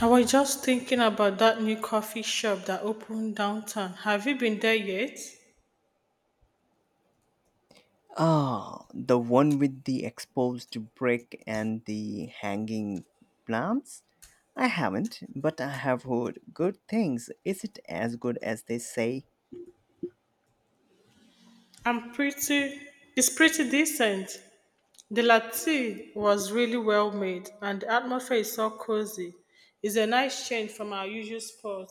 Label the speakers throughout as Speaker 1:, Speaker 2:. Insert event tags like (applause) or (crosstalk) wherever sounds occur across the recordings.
Speaker 1: I was just thinking about that new coffee shop that opened downtown. Have you been there yet?
Speaker 2: Ah, the one with the exposed brick and the hanging plants? I haven't, but I have heard good things. Is it as good as they say?
Speaker 1: I'm pretty It's pretty decent. The latte was really well made and the atmosphere is so cozy. It's a nice change from our usual spot.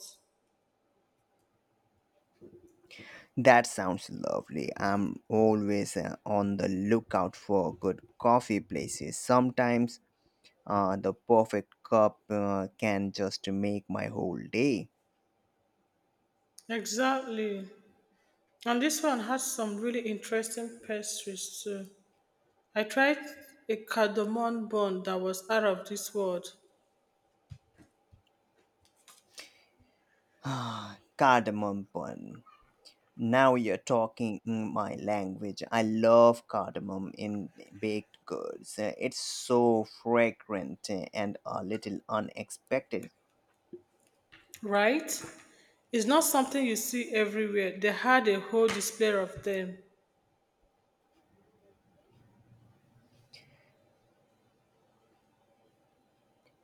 Speaker 2: That sounds lovely. I'm always on the lookout for good coffee places. Sometimes the perfect cup can just make my whole day.
Speaker 1: Exactly. And this one has some really interesting pastries too. I tried a cardamom bun that was out of this world.
Speaker 2: Ah, cardamom bun. Now you're talking my language. I love cardamom in baked goods. It's so fragrant and a little unexpected. (sighs)
Speaker 1: Right? It's not something you see everywhere. They had a whole display of them.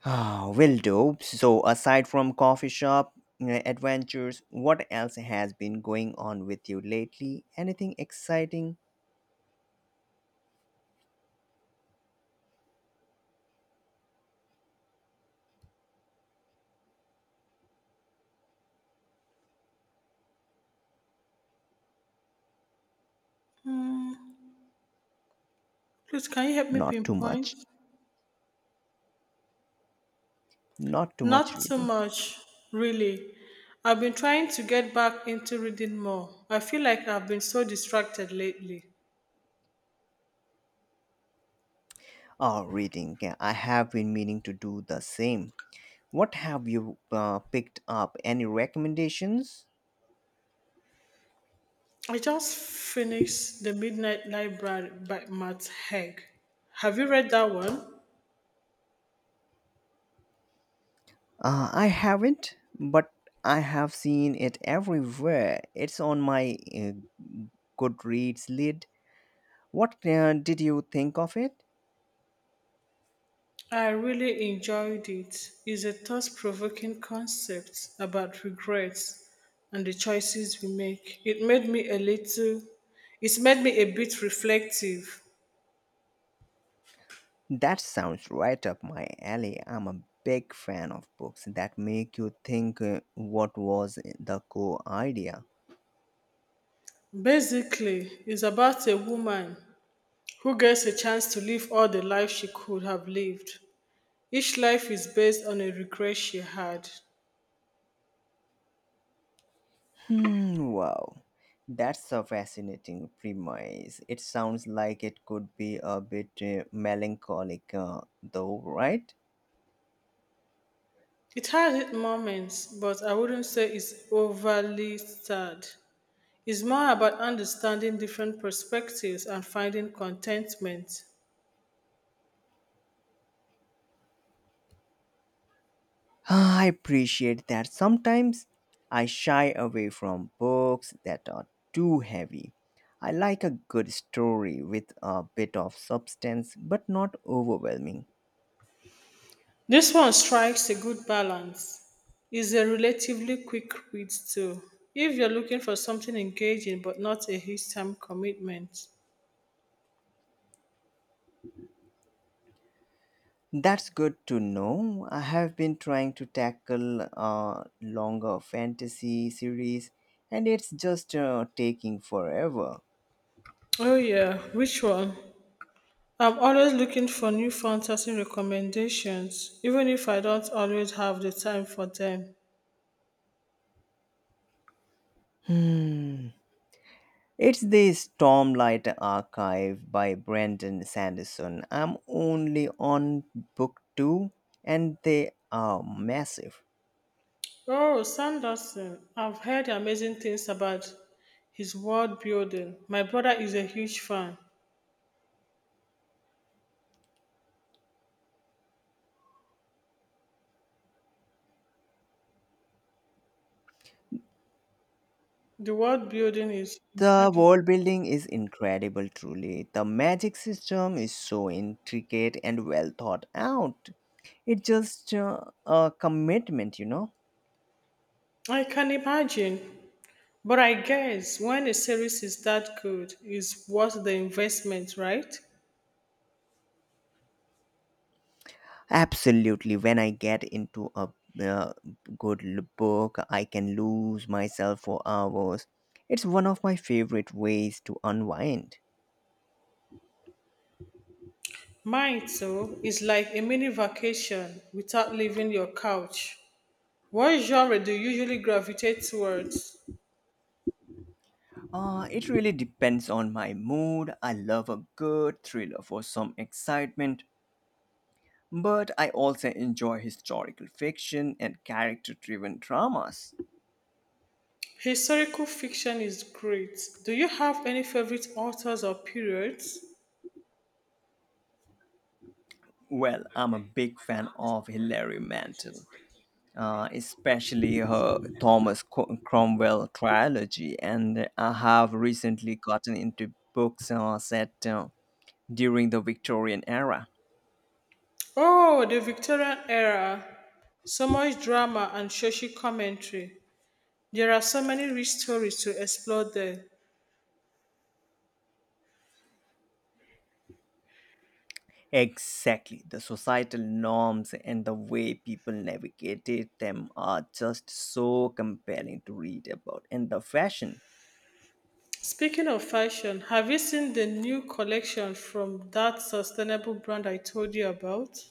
Speaker 2: Ah, will do. So, aside from coffee shop adventures, what else has been going on with you lately? Anything exciting?
Speaker 1: Hmm, please, can you help me
Speaker 2: Not too
Speaker 1: pinpoint?
Speaker 2: much. Not too much,
Speaker 1: Not too
Speaker 2: really.
Speaker 1: much, really. I've been trying to get back into reading more. I feel like I've been so distracted lately.
Speaker 2: Oh, reading. Yeah, I have been meaning to do the same. What have you picked up? Any recommendations?
Speaker 1: I just finished The Midnight Library by Matt Haig. Have you read that one?
Speaker 2: I haven't, but I have seen it everywhere. It's on my Goodreads lid. What did you think of it?
Speaker 1: I really enjoyed it. It's a thought provoking concept about regrets and the choices we make. It's made me a bit reflective.
Speaker 2: That sounds right up my alley. I'm a big fan of books that make you think what was the core idea.
Speaker 1: Basically, it's about a woman who gets a chance to live all the life she could have lived. Each life is based on a regret she had.
Speaker 2: Wow. That's a fascinating premise. It sounds like it could be a bit melancholic, though, right?
Speaker 1: It had its moments, but I wouldn't say it's overly sad. Is more about understanding different perspectives and finding contentment.
Speaker 2: I appreciate that sometimes I shy away from books that are too heavy. I like a good story with a bit of substance but not overwhelming.
Speaker 1: This one strikes a good balance. It's a relatively quick read too, if you're looking for something engaging but not a huge time commitment.
Speaker 2: That's good to know. I have been trying to tackle a longer fantasy series and it's just taking forever.
Speaker 1: Oh yeah, which one? I'm always looking for new fantasy recommendations, even if I don't always have the time for them.
Speaker 2: Hmm. It's the Stormlight Archive by Brandon Sanderson. I'm only on book two, and they are massive.
Speaker 1: Oh, Sanderson, I've heard amazing things about his world building. My brother is a huge fan. The world building is
Speaker 2: The
Speaker 1: incredible.
Speaker 2: world building is incredible, truly. The magic system is so intricate and well thought out. It's just a commitment, you know.
Speaker 1: I can imagine. But I guess when a series is that good, it's worth the investment, right?
Speaker 2: Absolutely. When I get into a uh, book, I can lose myself for hours. It's one of my favorite ways to unwind.
Speaker 1: Mine, too, is like a mini vacation without leaving your couch. What genre do you usually gravitate towards?
Speaker 2: It really depends on my mood. I love a good thriller for some excitement, but I also enjoy historical fiction and character driven dramas.
Speaker 1: Historical fiction is great. Do you have any favorite authors or periods?
Speaker 2: Well, I'm a big fan of Hilary Mantel, especially her Cromwell trilogy, and I have recently gotten into books set during the Victorian era.
Speaker 1: Oh, the Victorian era. So much drama and social commentary. There are so many rich stories to explore there.
Speaker 2: Exactly. The societal norms and the way people navigated them are just so compelling to read about. And the fashion,
Speaker 1: Speaking of fashion, have you seen the new collection from that sustainable brand I told you about?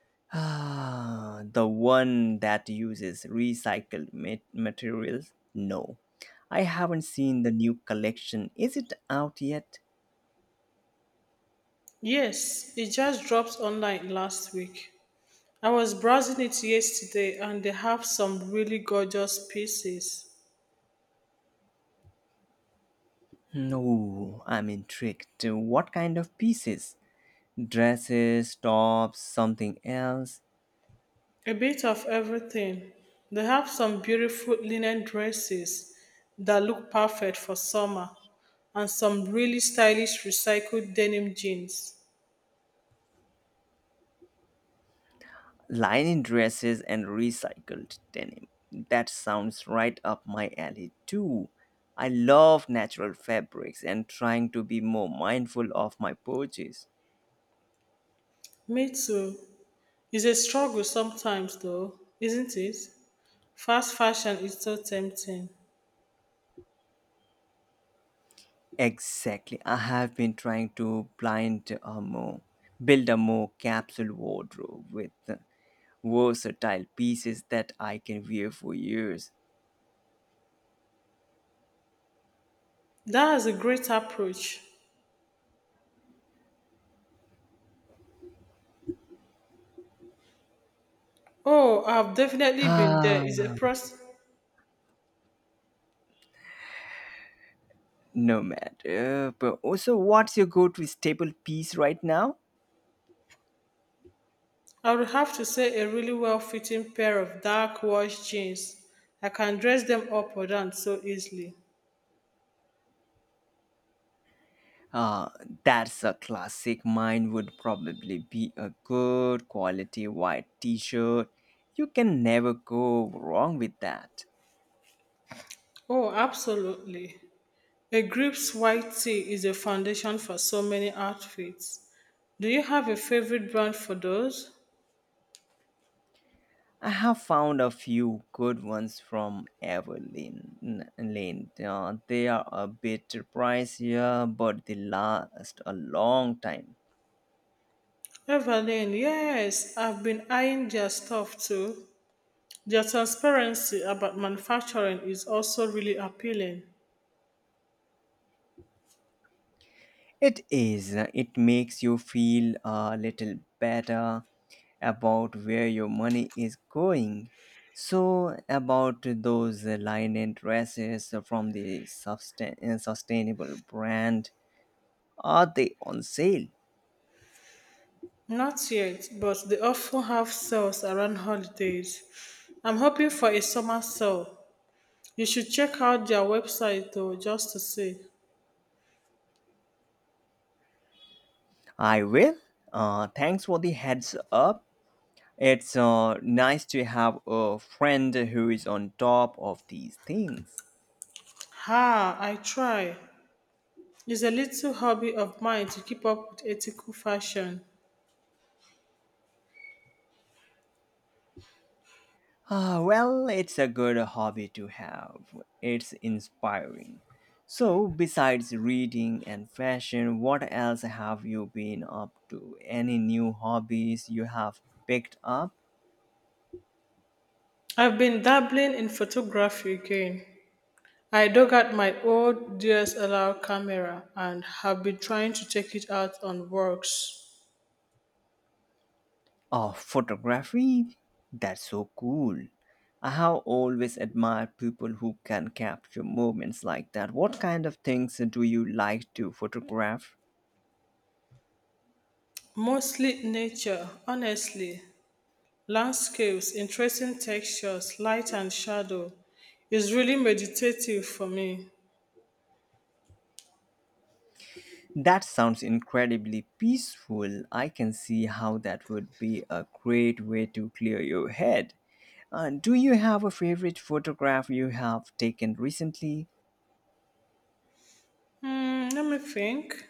Speaker 2: (sighs) ah, the one that uses recycled materials? No. I haven't seen the new collection. Is it out yet?
Speaker 1: Yes, it just dropped online last week. I was browsing it yesterday and they have some really gorgeous pieces.
Speaker 2: No, I'm intrigued. What kind of pieces? Dresses, tops, something else?
Speaker 1: A bit of everything. They have some beautiful linen dresses that look perfect for summer and some really stylish recycled denim jeans.
Speaker 2: Linen dresses and recycled denim. That sounds right up my alley too. I love natural fabrics and trying to be more mindful of my purchase.
Speaker 1: Me too. It's a struggle sometimes, though, isn't it? Fast fashion is so tempting.
Speaker 2: Exactly. I have been trying to blind a more, build a more capsule wardrobe with versatile pieces that I can wear for years. (sighs)
Speaker 1: That is a great approach. Oh, I've definitely been there.
Speaker 2: Ah,
Speaker 1: It's a process.
Speaker 2: no matter. But also, what's your go-to staple piece right now?
Speaker 1: I would have to say a really well-fitting pair of dark wash jeans. I can dress them up or down so easily.
Speaker 2: Uh, that's a classic. Mine would probably be a good quality white t shirt. You can never go wrong with that.
Speaker 1: Oh, absolutely. A Grips white tee is a foundation for so many outfits. Do you have a favorite brand for those?
Speaker 2: I have found a few good ones from Everlane. Lane. They are a bit pricier, but they last a long time.
Speaker 1: Evelyn, yes, I've been eyeing their stuff too. Their transparency about manufacturing is also really appealing.
Speaker 2: It is. It makes you feel a little better about where your money is going. So, about those linen dresses from the sustainable brand, are they on sale?
Speaker 1: Not yet, but they often have sales around holidays. I'm hoping for a summer sale. You should check out their website though, just to see.
Speaker 2: I will. Thanks for the heads up. It's nice to have a friend who is on top of these things.
Speaker 1: Ha, I try. It's a little hobby of mine to keep up with ethical fashion.
Speaker 2: Ah, well, it's a good hobby to have. It's inspiring. So, besides reading and fashion, what else have you been up to? Any new hobbies you have picked up?
Speaker 1: I've been dabbling in photography again. I dug out my old DSLR camera and have been trying to take it out on walks.
Speaker 2: Oh, photography? That's so cool. I have always admired people who can capture moments like that. What kind of things do you like to photograph?
Speaker 1: Mostly nature, honestly. Landscapes, interesting textures, light and shadow. It's really meditative for me.
Speaker 2: That sounds incredibly peaceful. I can see how that would be a great way to clear your head. Do you have a favorite photograph you have taken recently?
Speaker 1: Hmm, let me think.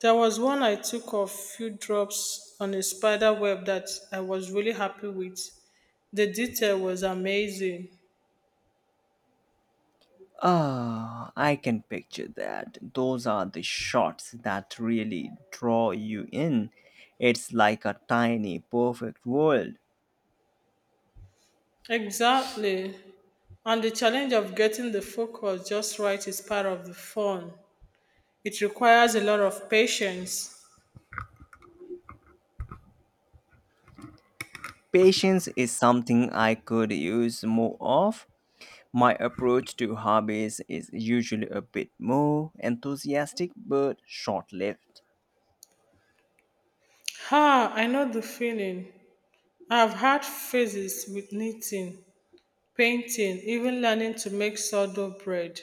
Speaker 1: There was one I took of few drops on a spider web that I was really happy with. The detail was amazing.
Speaker 2: Ah, I can picture that. Those are the shots that really draw you in. It's like a tiny, perfect world.
Speaker 1: Exactly. And the challenge of getting the focus just right is part of the fun. It requires a lot of patience.
Speaker 2: Patience is something I could use more of. My approach to hobbies is usually a bit more enthusiastic but short lived.
Speaker 1: Ha, I know the feeling. I've had phases with knitting, painting, even learning to make sourdough bread.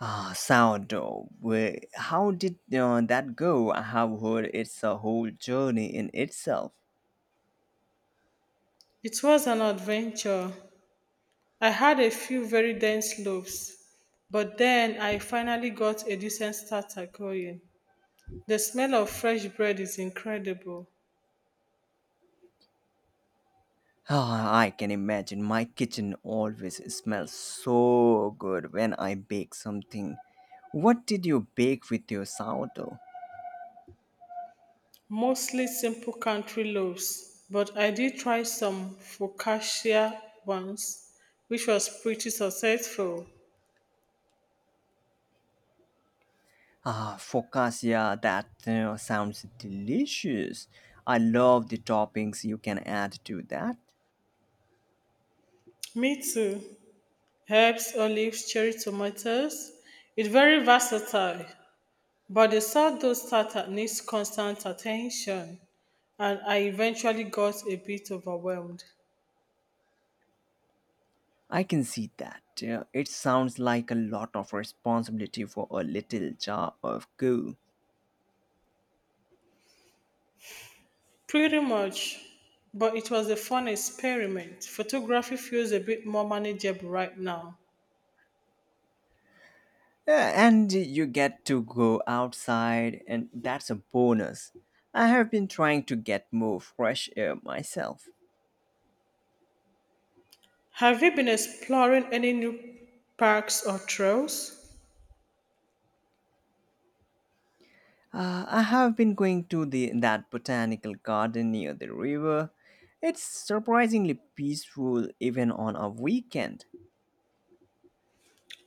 Speaker 2: Ah, sourdough. How did that go? I have heard it's a whole journey in itself.
Speaker 1: It was an adventure. I had a few very dense loaves, but then I finally got a decent starter going. The smell of fresh bread is incredible.
Speaker 2: Ah, I can imagine my kitchen always smells so good when I bake something. What did you bake with your sourdough?
Speaker 1: Mostly simple country loaves, but I did try some focaccia once, which was pretty successful.
Speaker 2: Ah, focaccia, that sounds delicious. I love the toppings you can add to that.
Speaker 1: Me too. Herbs, olives, cherry tomatoes. It's very versatile, but the sourdough starter needs constant attention, and I eventually got a bit overwhelmed.
Speaker 2: I can see that. Yeah, it sounds like a lot of responsibility for a little jar of goo.
Speaker 1: Pretty much, but it was a fun experiment. Photography feels a bit more manageable right now.
Speaker 2: Yeah, and you get to go outside, and that's a bonus. I have been trying to get more fresh air myself.
Speaker 1: Have you been exploring any new parks or trails?
Speaker 2: I have been going to the that botanical garden near the river. It's surprisingly peaceful even on a weekend.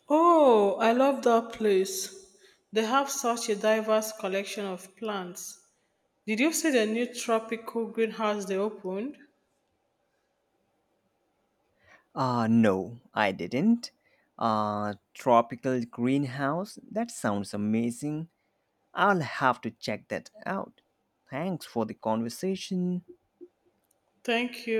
Speaker 1: Oh, I love that place. They have such a diverse collection of plants. Did you see the new tropical greenhouse they opened?
Speaker 2: No, I didn't. Tropical greenhouse? That sounds amazing. I'll have to check that out. Thanks for the conversation.
Speaker 1: Thank you.